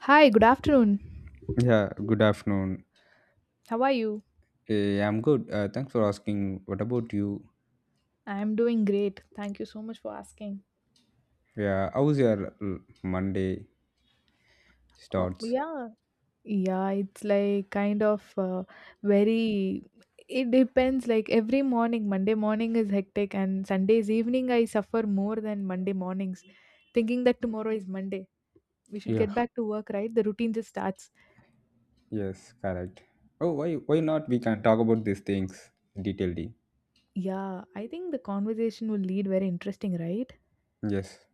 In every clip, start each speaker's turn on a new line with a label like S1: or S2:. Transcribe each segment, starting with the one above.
S1: Hi, good afternoon.
S2: Yeah, good afternoon.
S1: How are you?
S2: I'm good. Thanks for asking. What about you?
S1: I'm doing great. Thank you so much for asking.
S2: Yeah, how's your Monday
S1: Oh,
S2: starts?
S1: yeah. Yeah, it's like kind of very. It depends. Like every morning, Monday morning is hectic, and Sundays evening I suffer more than Monday mornings, thinking that tomorrow is Monday. We should
S2: Yeah.
S1: get back to work, right? The routine just starts.
S2: Yes, correct. Oh, why not? We can talk about these things detailedly.
S1: Yeah, I think the conversation will lead very interesting, right?
S2: Yes.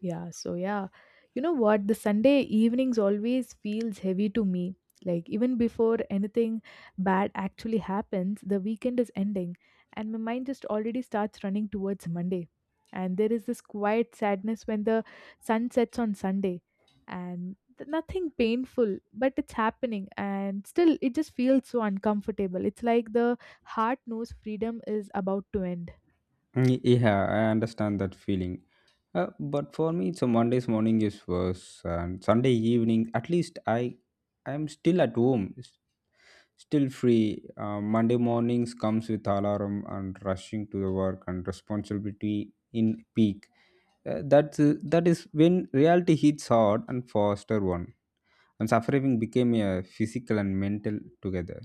S1: Yeah, so yeah. You know what? The Sunday evenings always feels heavy to me. Like even before anything bad actually happens, the weekend is ending and my mind just already starts running towards Monday. And there is this quiet sadness when the sun sets on Sunday and nothing painful, but it's happening and still it just feels so uncomfortable. It's like the heart knows freedom is about to end.
S2: Mm, yeah, I understand that feeling. But for me, so Monday's morning is worse, and Sunday evening, at least I'm still at home, still free. Monday mornings comes with alarm and rushing to the work and responsibility in peak. That is when reality hits hard and faster one. And suffering became a physical and mental together.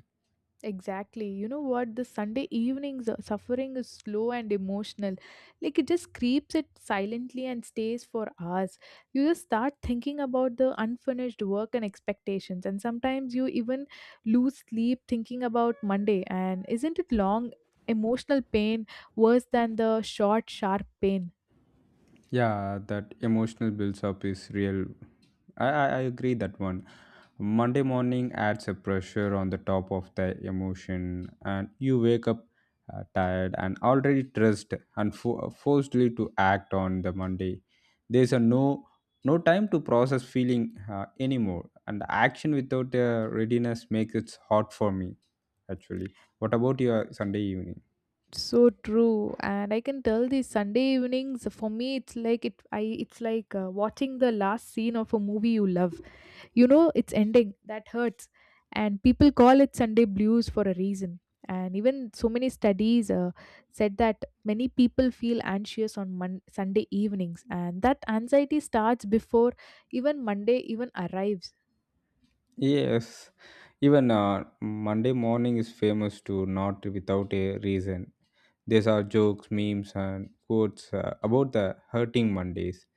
S1: Exactly. You know what? The Sunday evenings suffering is slow and emotional. Like it just creeps it silently and stays for hours. You just start thinking about the unfinished work and expectations, and sometimes you even lose sleep thinking about Monday. And isn't it long emotional pain worse than the short, sharp pain?
S2: Yeah, that emotional builds up is real. I agree that one. Monday morning adds a pressure on the top of the emotion, and you wake up tired and already stressed and forcedly to act on the Monday. There's a no time to process feeling anymore, and the action without readiness makes it hard for me. Actually, what about your Sunday evening?
S1: So true. And I can tell these Sunday evenings for me, it's like it's like watching the last scene of a movie you love. You know, it's ending that hurts, and people call it Sunday blues for a reason. And even so many studies said that many people feel anxious on Sunday evenings, and that anxiety starts before even monday even arrives.
S2: Yes, even Monday morning is famous to not without a reason. There are jokes, memes, and quotes about the hurting Mondays.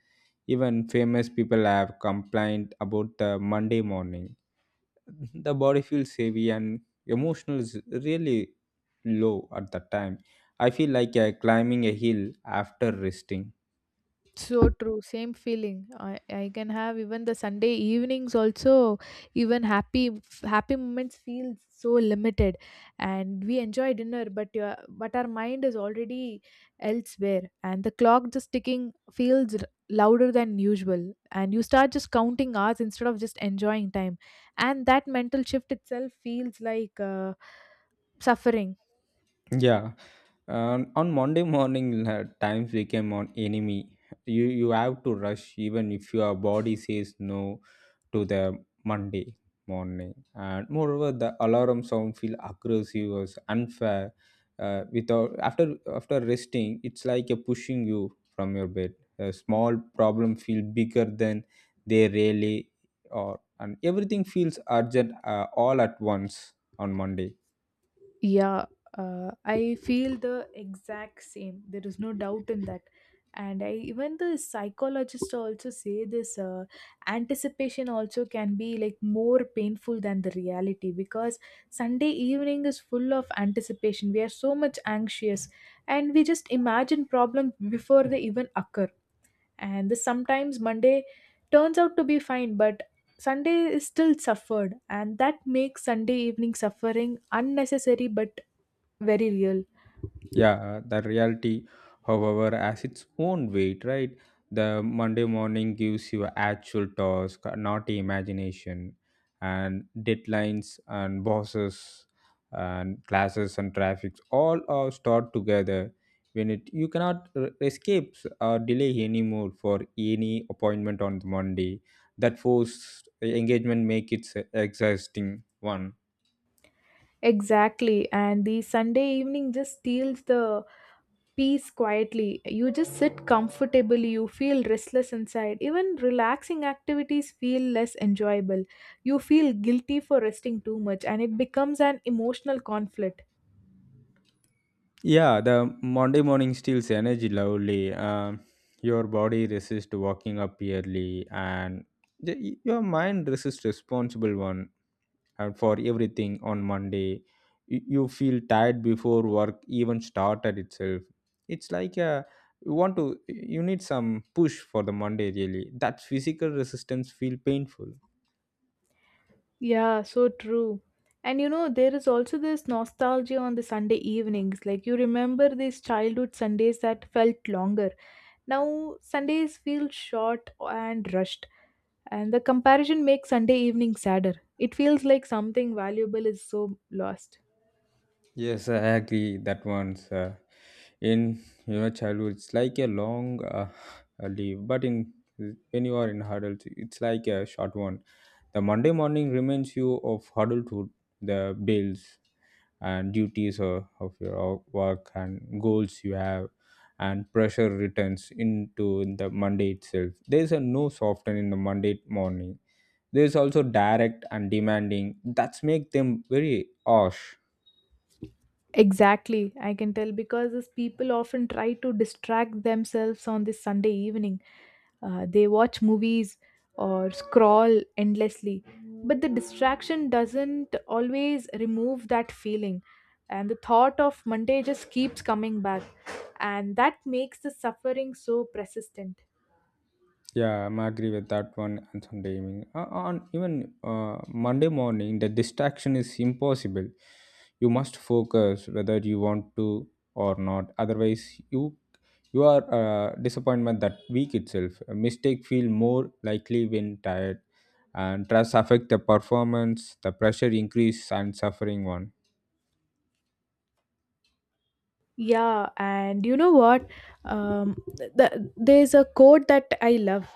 S2: Even famous people have complained about the Monday morning. The body feels heavy and emotional is really low at that time. I feel like climbing a hill after resting.
S1: So true, same feeling. I can have even the Sunday evenings also, even happy moments feel so limited, and we enjoy dinner, but your but our mind is already elsewhere, and the clock just ticking feels louder than usual, and you start just counting hours instead of just enjoying time, and that mental shift itself feels like suffering.
S2: Yeah, on Monday morning, times became an enemy. You have to rush even if your body says no to the Monday morning. And moreover, the alarm sound feel aggressive or unfair. Without after resting, it's like a pushing you from your bed. A small problem feel bigger than they really are, and everything feels urgent all at once on Monday.
S1: Yeah, I feel the exact same. There is no doubt in that. And I, even the psychologists also say this anticipation also can be like more painful than the reality, because Sunday evening is full of anticipation. We are so much anxious and we just imagine problems before they even occur. And this sometimes Monday turns out to be fine, but Sunday is still suffered, and that makes Sunday evening suffering unnecessary but very real.
S2: Yeah, the reality, however, has its own weight, right? The Monday morning gives you actual task, not imagination, and deadlines and bosses and classes and traffic, all are stored together. When it you cannot escape or delay anymore for any appointment on the Monday, that forced engagement make it exhausting one.
S1: Exactly. And the Sunday evening just steals the peace quietly. You just sit comfortably, you feel restless inside. Even relaxing activities feel less enjoyable. You feel guilty for resting too much, and it becomes an emotional conflict.
S2: Yeah, the Monday morning steals energy lovely. Your body resists walking up early, and your mind resists responsible one and for everything on Monday. You feel tired before work even started itself. It's like a you want to you need some push for the Monday really. That physical resistance feel painful.
S1: Yeah, so true. And you know, there is also this nostalgia on the Sunday evenings. Like, you remember these childhood Sundays that felt longer. Now, Sundays feel short and rushed, and the comparison makes Sunday evening sadder. It feels like something valuable is so lost.
S2: Yes, I agree that one's in your childhood it's like a long a leave, but in when you are in adult it's like a short one. The Monday morning reminds you of adulthood, the bills and duties of your work and goals you have, and pressure returns into the Monday itself. There's a no soften in the Monday morning. There's also direct and demanding. That's make them very harsh.
S1: Exactly, I can tell because these people often try to distract themselves on this Sunday evening. They watch movies or scroll endlessly, but the distraction doesn't always remove that feeling, and the thought of Monday just keeps coming back, and that makes the suffering so persistent.
S2: Yeah, I'm agree with that one. And Sunday evening, on even Monday morning, the distraction is impossible. You must focus whether you want to or not. Otherwise, you are disappointment that week itself. A mistake feel more likely when tired, and stress affect the performance. The pressure increase and suffering one.
S1: Yeah, and you know what? There's a quote that I love,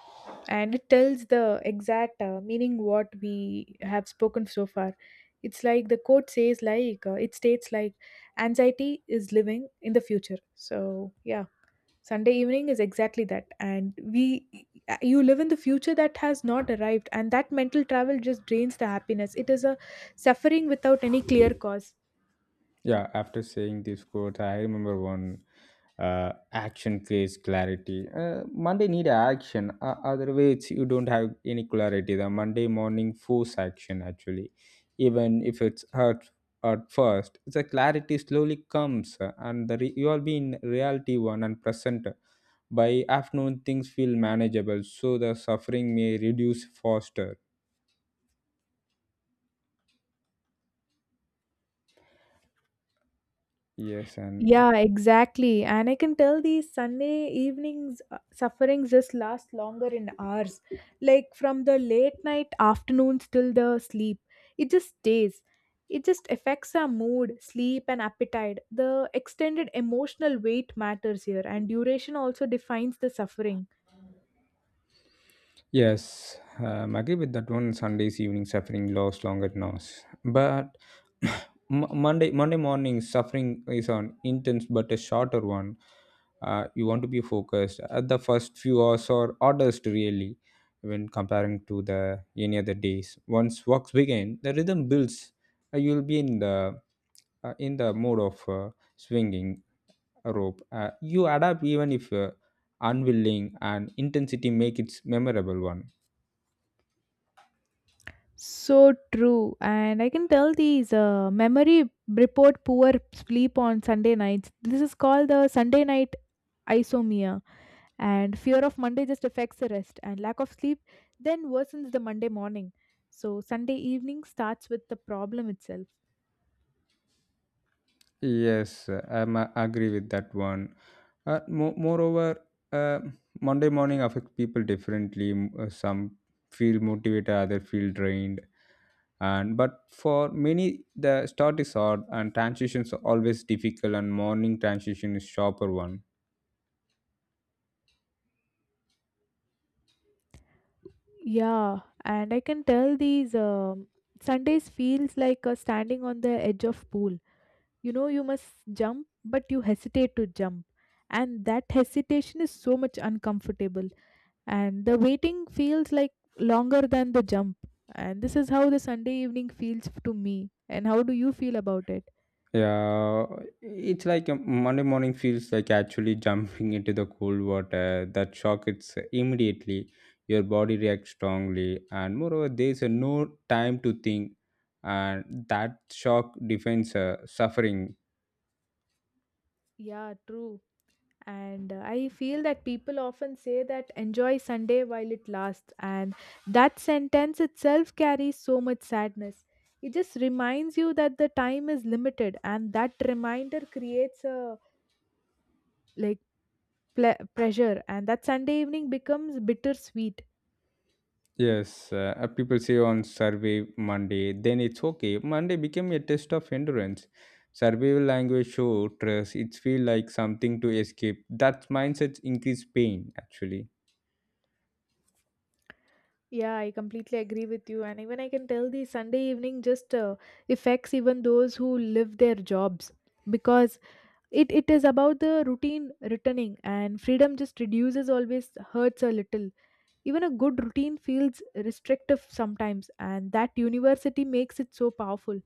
S1: and it tells the exact meaning what we have spoken so far. It's like the quote says, like it states, like anxiety is living in the future. So yeah, Sunday evening is exactly that, and we you live in the future that has not arrived, and that mental travel just drains the happiness. It is a suffering without any clear cause.
S2: Yeah, after saying this quote, I remember one action creates clarity. Monday need action. Otherwise, you don't have any clarity. The Monday morning force action actually, even if it's hurt at first, the clarity slowly comes, and the you will be in reality one and present. By afternoon, things feel manageable, so the suffering may reduce faster. Yes, and
S1: Yeah, exactly. And I can tell these Sunday evenings sufferings just last longer in hours. Like from the late night afternoons till the sleep. It just stays. It just affects our mood, sleep, and appetite. The extended emotional weight matters here, and duration also defines the suffering.
S2: yes, I agree with that one. Sundays evening suffering lasts longer at nose, but Monday morning suffering is an intense but a shorter one. You want to be focused at the first few hours or hardest really when comparing to the any other days. Once works begin, the rhythm builds. You'll be in the mode of swinging a rope. You adapt even if unwilling, and intensity make it memorable one.
S1: So true. And I can tell these memory report poor sleep on Sunday nights. This is called the Sunday night isomia, and fear of Monday just affects the rest, and lack of sleep then worsens the Monday morning. So Sunday evening starts with the problem itself.
S2: Yes, I agree with that one. Moreover, uh, Monday morning affects people differently. Some feel motivated, others feel drained. And but for many, the start is hard, and transitions are always difficult. And morning transition is sharper one.
S1: Yeah, and I can tell these Sundays feels like standing on the edge of pool. You know you must jump, but you hesitate to jump, and that hesitation is so much uncomfortable, and the waiting feels like longer than the jump. And this is how the Sunday evening feels to me. And how do you feel about it?
S2: Yeah, it's like a Monday morning feels like actually jumping into the cold water. That shock, it's immediately your body reacts strongly, and moreover, there's a no time to think, and that shock defines suffering.
S1: Yeah, true. And I feel that people often say that enjoy Sunday while it lasts, and that sentence itself carries so much sadness. It just reminds you that the time is limited, and that reminder creates a like pressure, and that Sunday evening becomes bittersweet.
S2: Yes, people say on survey Monday, then it's okay. Monday became a test of endurance. Survival language show trust. It feel like something to escape. That mindset increase pain actually.
S1: Yeah, I completely agree with you. And even I can tell the Sunday evening just affects even those who live their jobs, because it is about the routine returning, and freedom just reduces always hurts a little. Even a good routine feels restrictive sometimes, and that university makes it so powerful.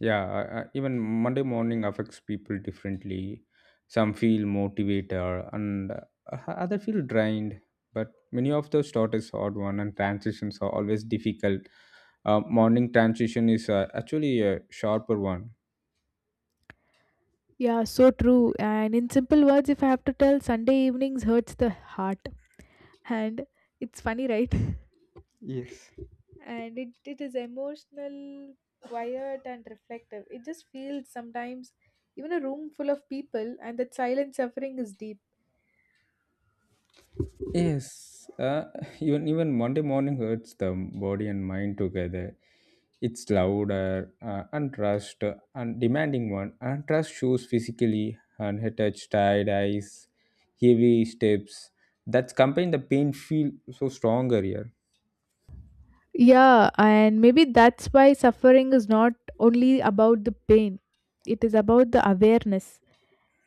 S2: Yeah, even Monday morning affects people differently. Some feel motivated and other feel drained. But many of those start is hard one, and transitions are always difficult. Morning transition is actually a sharper one.
S1: Yeah, so true. And in simple words, if I have to tell, Sunday evenings hurts the heart, and it's funny, right?
S2: Yes.
S1: And it is emotional, quiet and reflective. It just feels sometimes even a room full of people, and that silent suffering is deep.
S2: Yes, even Monday morning hurts the body and mind together. It's louder, untrust, and demanding one. Untrust shows physically, and her touch, tired eyes, heavy steps. That's combined the pain feel so stronger here.
S1: Yeah, and maybe that's why suffering is not only about the pain, it is about the awareness.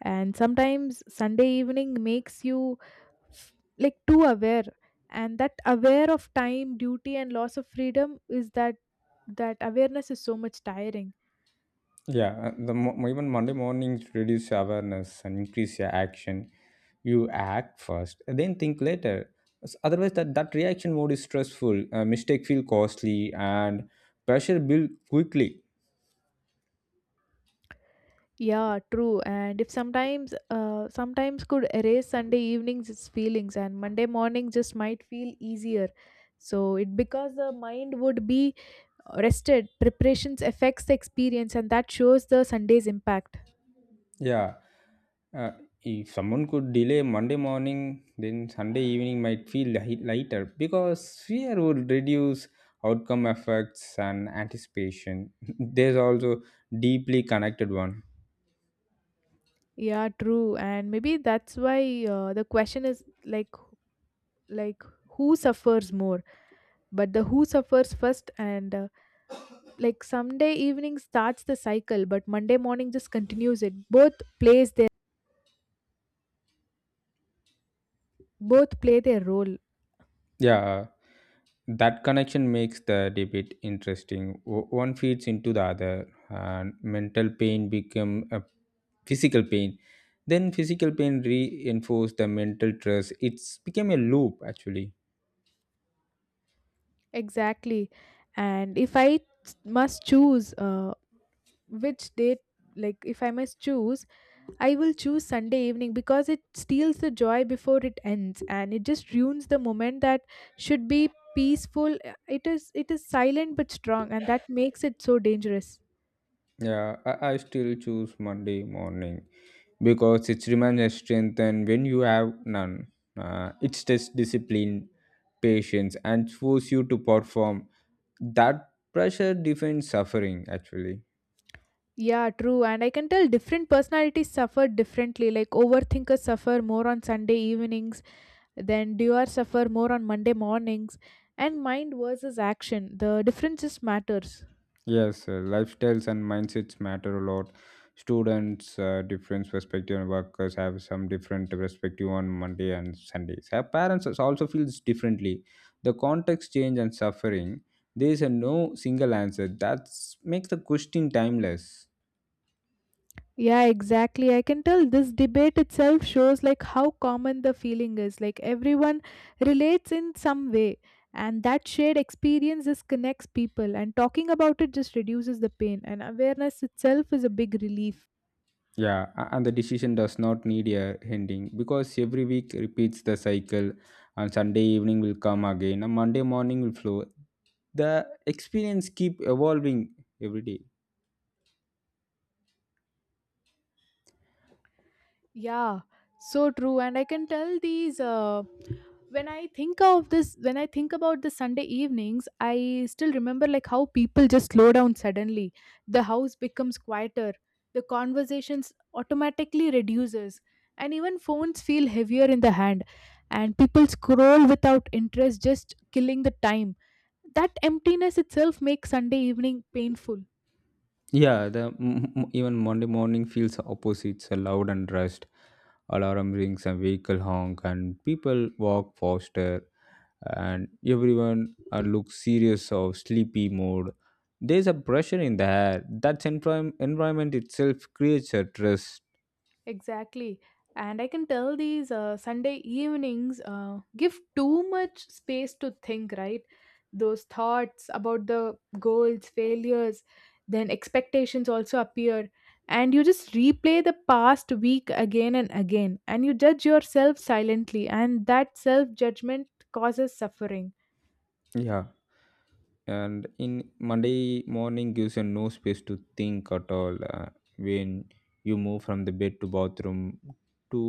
S1: And sometimes Sunday evening makes you f- like too aware, and that aware of time, duty, and loss of freedom is that awareness is so much tiring.
S2: Yeah, even Monday mornings reduce awareness and increase your action. You act first, then think later. Otherwise, that reaction mode is stressful. Mistake feel costly and pressure build quickly.
S1: Yeah, true. And if sometimes, sometimes could erase Sunday evenings its feelings, and Monday morning just might feel easier. So it because the mind would be rested, preparations affects the experience, and that shows the Sunday's impact.
S2: Yeah, uh, if someone could delay Monday morning, then Sunday evening might feel lighter because fear would reduce outcome effects and anticipation. There's also deeply connected one.
S1: Yeah, true. And maybe that's why the question is like who suffers more, but the who suffers first. And like Sunday evening starts the cycle, but Monday morning just continues it. Both plays their both play their role
S2: Yeah, that connection makes the debate interesting. One feeds into the other, and mental pain become a physical pain. Then physical pain reinforce the mental stress. It's became a loop actually.
S1: Exactly. And if I must choose which date, like if I must choose, I will choose Sunday evening, because it steals the joy before it ends, and it just ruins the moment that should be peaceful. It is silent but strong, and that makes it so dangerous.
S2: Yeah, I still choose Monday morning because it reminds a strength, and when you have none, it's just discipline, patience, and force you to perform. That pressure defines suffering actually.
S1: Yeah, true. And I can tell different personalities suffer differently. Like overthinkers suffer more on Sunday evenings, then doers suffer more on Monday mornings. And mind versus action. The difference just matters.
S2: Yes, lifestyles and mindsets matter a lot. Students, different perspective, and workers have some different perspective on Monday and Sundays. Our parents also feels differently. The context change and suffering. There is a no single answer. That makes the question timeless.
S1: Yeah, exactly. I can tell this debate itself shows like how common the feeling is. Like everyone relates in some way, and that shared experience just connects people. And talking about it just reduces the pain, and awareness itself is a big relief.
S2: Yeah, and the decision does not need a ending because every week repeats the cycle. And Sunday evening will come again, and Monday morning will flow. The experience keep evolving every day.
S1: Yeah, so true. And I can tell these when I think of this, when I think about the Sunday evenings, I still remember like how people just slow down suddenly. The house becomes quieter, the conversations automatically reduces, and even phones feel heavier in the hand. And people scroll without interest, just killing the time. That emptiness itself makes Sunday evening painful.
S2: Yeah, even Monday morning feels opposites, a loud and rushed. Alarm rings and vehicle honk, and people walk faster, and everyone looks serious or sleepy mood. There's a pressure in the air. That environment itself creates a stress.
S1: Exactly. And I can tell these Sunday evenings give too much space to think, right? Those thoughts about the goals, failures, then expectations also appear. And you just replay the past week again and again. And you judge yourself silently. And that self judgment causes suffering.
S2: Yeah. And in Monday morning gives you no space to think at all, when you move from the bed to bathroom to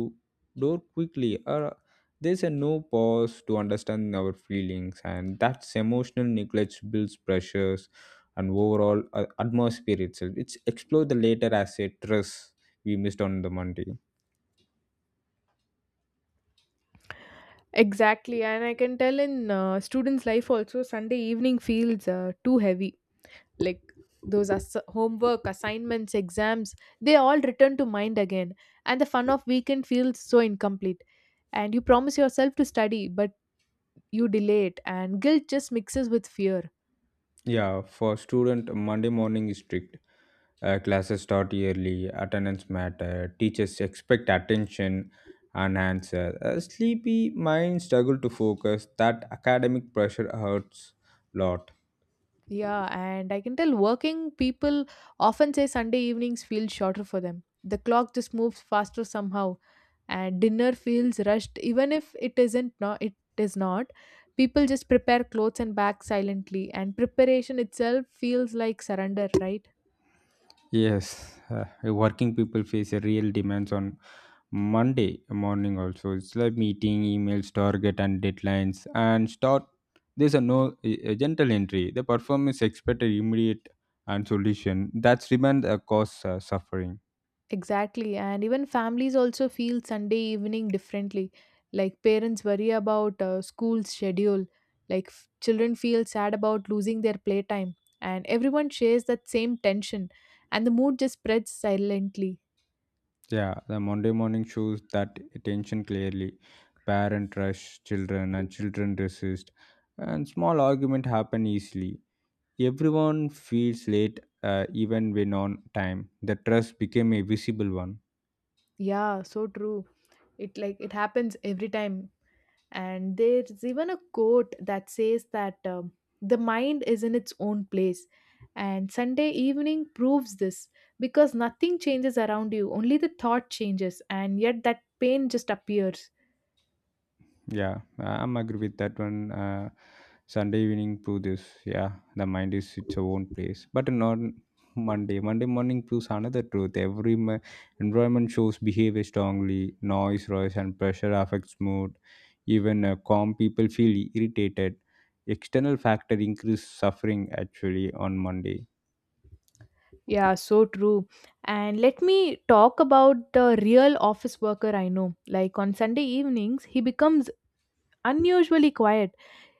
S2: door quickly, or there's a no pause to understand our feelings, and that's emotional neglect builds pressures, and overall atmosphere itself, it's explore the later as a stress we missed on the Monday.
S1: Exactly. And I can tell in students' life also, Sunday evening feels too heavy, like those homework assignments, exams, they all return to mind again, and the fun of weekend feels so incomplete, and you promise yourself to study, but you delay it, and guilt just mixes with fear.
S2: Yeah, for student, Monday morning is strict. Classes start early, attendance matter, teachers expect attention and answer. A sleepy mind struggle to focus. That academic pressure hurts lot.
S1: Yeah, and I can tell working people often say Sunday evenings feel shorter for them. The clock just moves faster somehow, and dinner feels rushed, even if it isn't. No, it is not. People just prepare clothes and back silently, and preparation itself feels like surrender, right?
S2: Yes, working people face a real demands on Monday morning also. It's like meeting, emails, target, and deadlines. And start, there's a no a a gentle entry. The performance expected immediate and solution. That's demand cause suffering.
S1: Exactly. And even families also feel Sunday evening differently. Like parents worry about school schedule, like children feel sad about losing their playtime, and everyone shares that same tension, and the mood just spreads silently.
S2: Yeah, the Monday morning shows that attention clearly. Parent rush children and children resist, and small argument happen easily. Everyone feels late, even when on time. The trust became a visible one.
S1: Yeah, so true. It like it happens every time. And there's even a quote that says that the mind is in its own place. And Sunday evening proves this, because nothing changes around you, only the thought changes, and yet that pain just appears.
S2: Yeah, I'm agree with that one. Sunday evening proves this. Yeah, the mind is its own place, but not Monday. Monday morning proves another truth. Environment shows behavior strongly. Noise and pressure affects mood. Even calm people feel irritated. External factor increase suffering actually on Monday.
S1: Yeah, so true. And let me talk about the real office worker I know. Like on Sunday evenings, he becomes unusually quiet.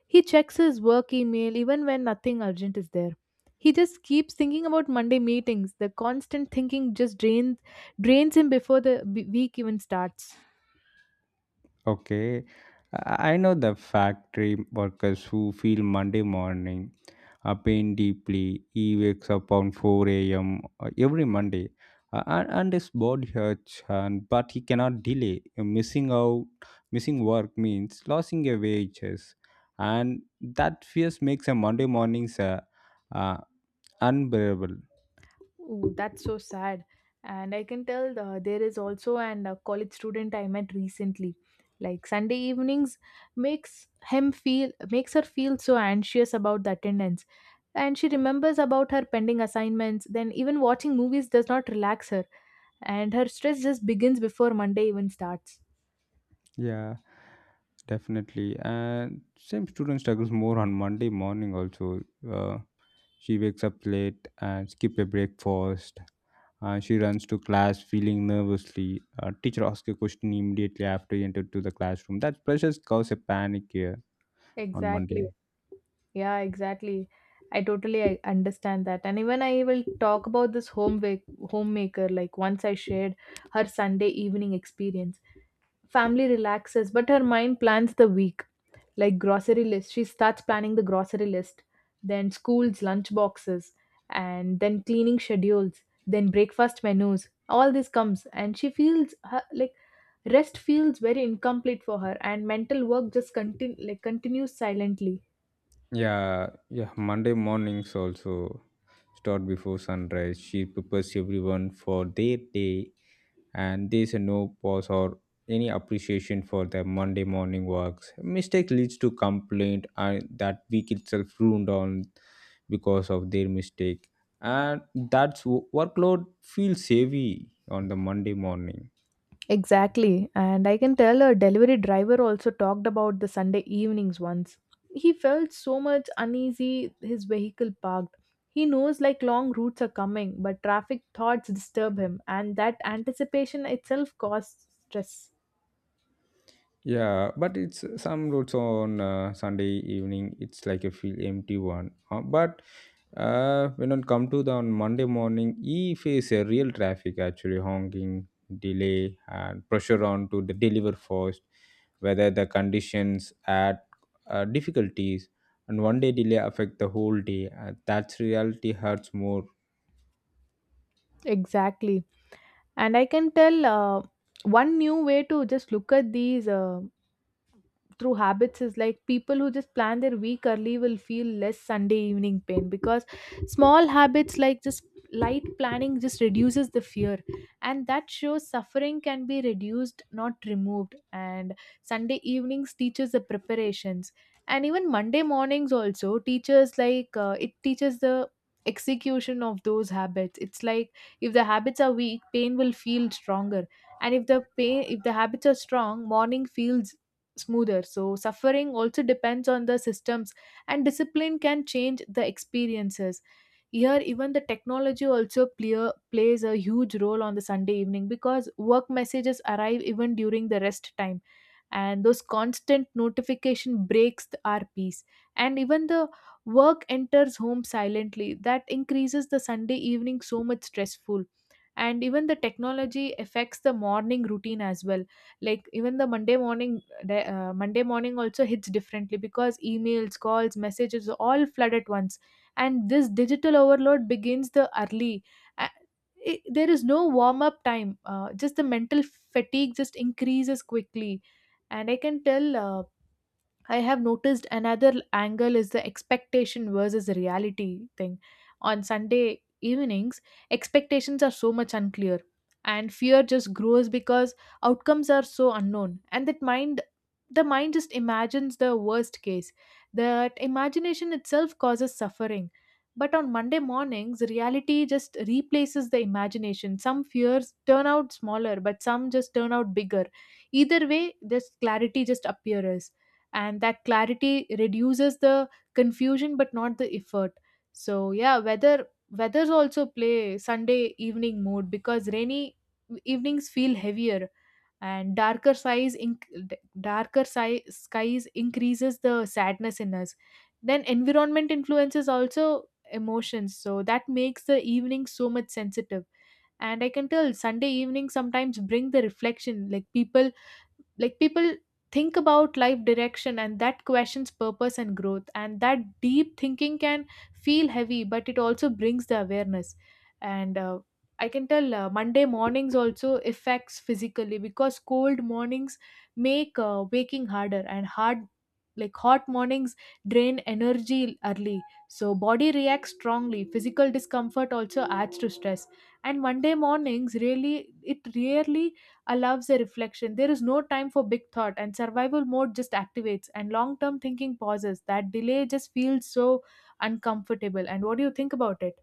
S1: He checks his work email even when nothing urgent is there. He just keeps thinking about Monday meetings. The constant thinking just drains him before the week even starts.
S2: Okay, I know the factory workers who feel Monday morning a pain deeply. He wakes up on 4 a.m. Every Monday, and his body hurts, and but he cannot delay. Missing work means losing your wages, and that fears makes a Monday mornings uh, unbearable.
S1: Ooh, that's so sad. And I can tell there is also an a college student I met recently. Like Sunday evenings makes makes her feel so anxious about the attendance. And she remembers about her pending assignments. Then even watching movies does not relax her, and her stress just begins before Monday even starts.
S2: Yeah, definitely. And same student struggles more on Monday morning also. Uh, She wakes up late and skip a breakfast. She runs to class feeling nervously. Teacher asks a question immediately after you enter to the classroom. That pressure causes a panic here on Monday.
S1: Exactly. Yeah, exactly. I totally I understand that. And even I will talk about this homemaker, like once I shared her Sunday evening experience. Family relaxes, but her mind plans the week. Like grocery list, she starts planning the grocery list, then school's lunch boxes, and then cleaning schedules, then breakfast menus. All this comes, and she feels her, like, rest feels very incomplete for her, and mental work just continues silently.
S2: Yeah, yeah. Monday mornings also start before sunrise. She prepares everyone for their day, and there's a no pause or any appreciation for the Monday morning works. Mistake leads to complaint and that week itself ruined on because of their mistake. And that's workload feels heavy on the Monday morning.
S1: Exactly. And I can tell a delivery driver also talked about the Sunday evenings once. He felt so much uneasy, his vehicle parked. He knows like long routes are coming, but traffic thoughts disturb him, and that anticipation itself causes stress.
S2: Yeah, but it's some routes on Sunday evening. It's like a feel empty one. But When it come to the on Monday morning, he face a real traffic actually, honking, delay, and pressure on to the deliver first. Whether the conditions add difficulties, and one day delay affect the whole day. That's reality hurts more.
S1: Exactly. And I can tell one new way to just look at these. Through habits is like people who just plan their week early will feel less Sunday evening pain, because small habits like just light planning just reduces the fear, and that shows suffering can be reduced, not removed. And Sunday evenings teaches the preparations, and even Monday mornings also teaches like, it teaches the execution of those habits. It's like if the habits are weak, pain will feel stronger, and if the habits are strong, morning feels smoother. So, suffering also depends on the systems, and discipline can change the experiences. Here, even the technology also plays a huge role on the Sunday evening, because work messages arrive even during the rest time, and those constant notification our peace. And even the work enters home silently. That increases the Sunday evening so much stressful, and even the technology affects the morning routine as well, like even the Monday morning, Monday morning also hits differently because emails, calls, messages all flood at once. And this digital overload begins the early. Uh, there is no warm up time. Just the mental fatigue just increases quickly. And I can tell. I have noticed another angle is the expectation versus reality thing. On Sunday evenings, expectations are so much unclear, and fear just grows because outcomes are so unknown, and that mind the mind just imagines the worst case. That imagination itself causes suffering. But on Monday mornings, reality just replaces the imagination. Some fears turn out smaller, but some just turn out bigger. Either way, this clarity just appears, and that clarity reduces the confusion but not the effort. So yeah, weathers also play Sunday evening mood, because rainy evenings feel heavier and darker size inc- darker si- skies increases the sadness in us. Then environment influences also emotions, so that makes the evening so much sensitive. And I can tell Sunday evening sometimes bring the reflection, like people think about life direction, and that questions purpose and growth, and that deep thinking can feel heavy, but it also brings the awareness. And I can tell Monday mornings also affects physically, because cold mornings make waking harder and hard like hot mornings drain energy early. So body reacts strongly, physical discomfort also adds to stress. And Monday mornings really, it rarely allows a reflection. There is no time for big thought, and survival mode just activates, and long term thinking pauses. That delay just feels so uncomfortable. And what do you think about it?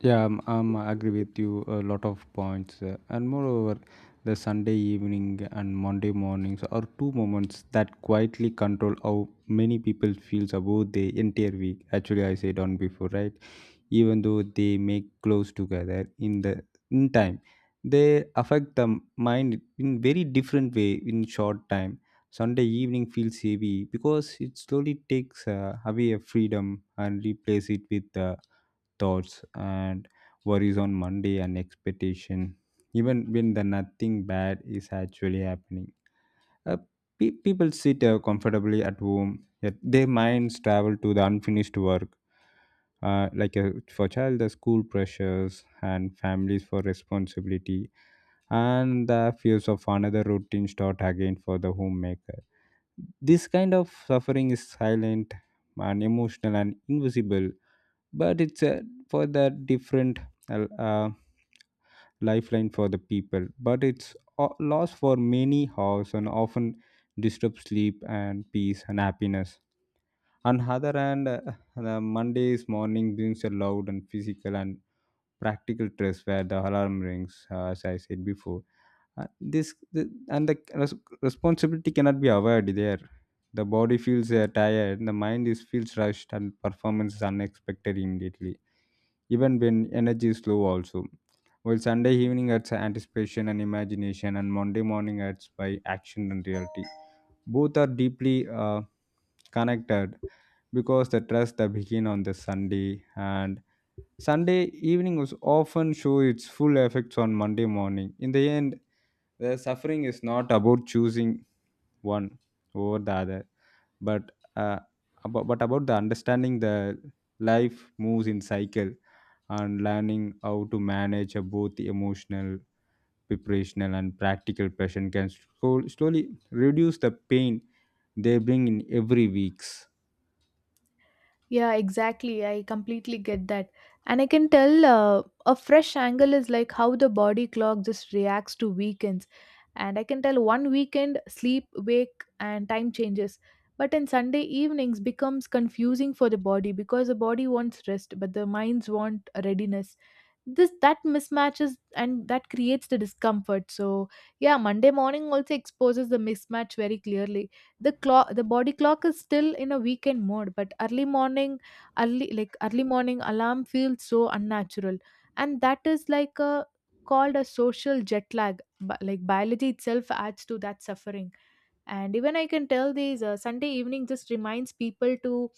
S2: Yeah, I agree with you a lot of points. And moreover, the Sunday evening and Monday mornings are two moments that quietly control how many people feels about the entire week. Actually, I said on before, right? Even though they make close together in the in time, they affect the mind in very different way. In short time, Sunday evening feels heavy because it slowly takes away a freedom and replace it with thoughts and worries on Monday and expectation, even when the nothing bad is actually happening. uh, People sit comfortably at home, yet their minds travel to the unfinished work. Like for child, the school pressures and families for responsibility, and the fears of another routine start again for the homemaker. This kind of suffering is silent and emotional and invisible, but it's a for the different uh, uh, lifeline for the people, but it's lost for many hours and often disturbs sleep and peace and happiness. On other hand, the Monday's morning brings a loud and physical and practical stress where the alarm rings, as I said before. Uh, this the, and The responsibility cannot be avoided there. The body feels tired, the mind is feels rushed, and performance is unexpected immediately, even when energy is low also. While Sunday evening adds anticipation and imagination, and Monday morning adds by action and reality, both are deeply uh, connected because the trust that begin on the Sunday and Sunday evening was often show its full effects on Monday morning. In the end, the suffering is not about choosing one over the other, but uh, but about the understanding the life moves in cycle, and learning how to manage a both emotional, preparational, and practical passion can slowly reduce the pain they bring in every weeks.
S1: Yeah, exactly. I completely get that. And I can tell a fresh angle is like how the body clock just reacts to weekends. And I can tell one weekend, sleep, wake, and time changes. But in Sunday evenings becomes confusing for the body, because the body wants rest, but the minds want readiness. This that mismatches, and that creates the discomfort. So yeah, Monday morning also exposes the mismatch very clearly. The body clock is still in a weekend mode, but early morning alarm feels so unnatural, and that is like a called a social jet lag. Like biology itself adds to that suffering. And even I can tell these, Sunday evening just reminds people to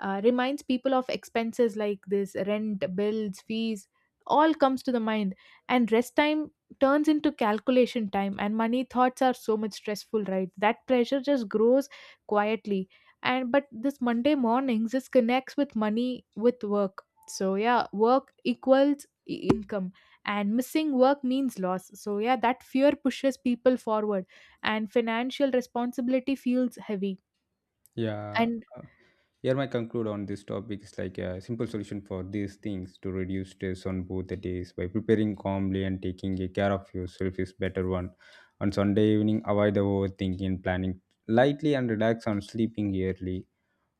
S1: uh, reminds people of expenses, like this rent, bills, fees, all comes to the mind. And rest time turns into calculation time, and money thoughts are so much stressful, right? That pressure just grows quietly. And but this Monday mornings just connects with money with work. So yeah, work equals income, and missing work means loss. So yeah, that fear pushes people forward, and financial responsibility feels heavy.
S2: Yeah.
S1: And
S2: Uh, Here my conclude on this topic is like a simple solution for these things to reduce stress on both the days by preparing calmly and taking a care of yourself is better one. On Sunday evening, avoid the overthinking, planning lightly and relax on sleeping early.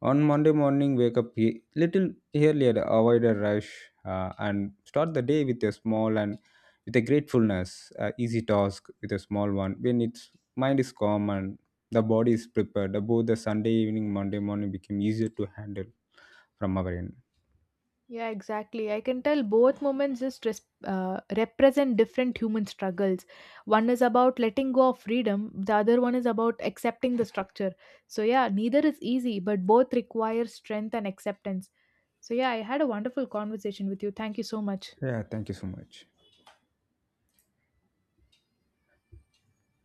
S2: On Monday morning, wake up a little earlier, avoid a rush, and start the day with a small and with a gratefulness, easy task with a small one. When its mind is calm and the body is prepared, both the Sunday evening, Monday morning become easier to handle from our end.
S1: yeah, exactly. I can tell both moments just represent different human struggles. One is about letting go of freedom, the other one is about accepting the structure. So, yeah, neither is easy, but both require strength and acceptance. So, yeah, I had a wonderful conversation with you. Thank you so much.
S2: Yeah, thank you so much.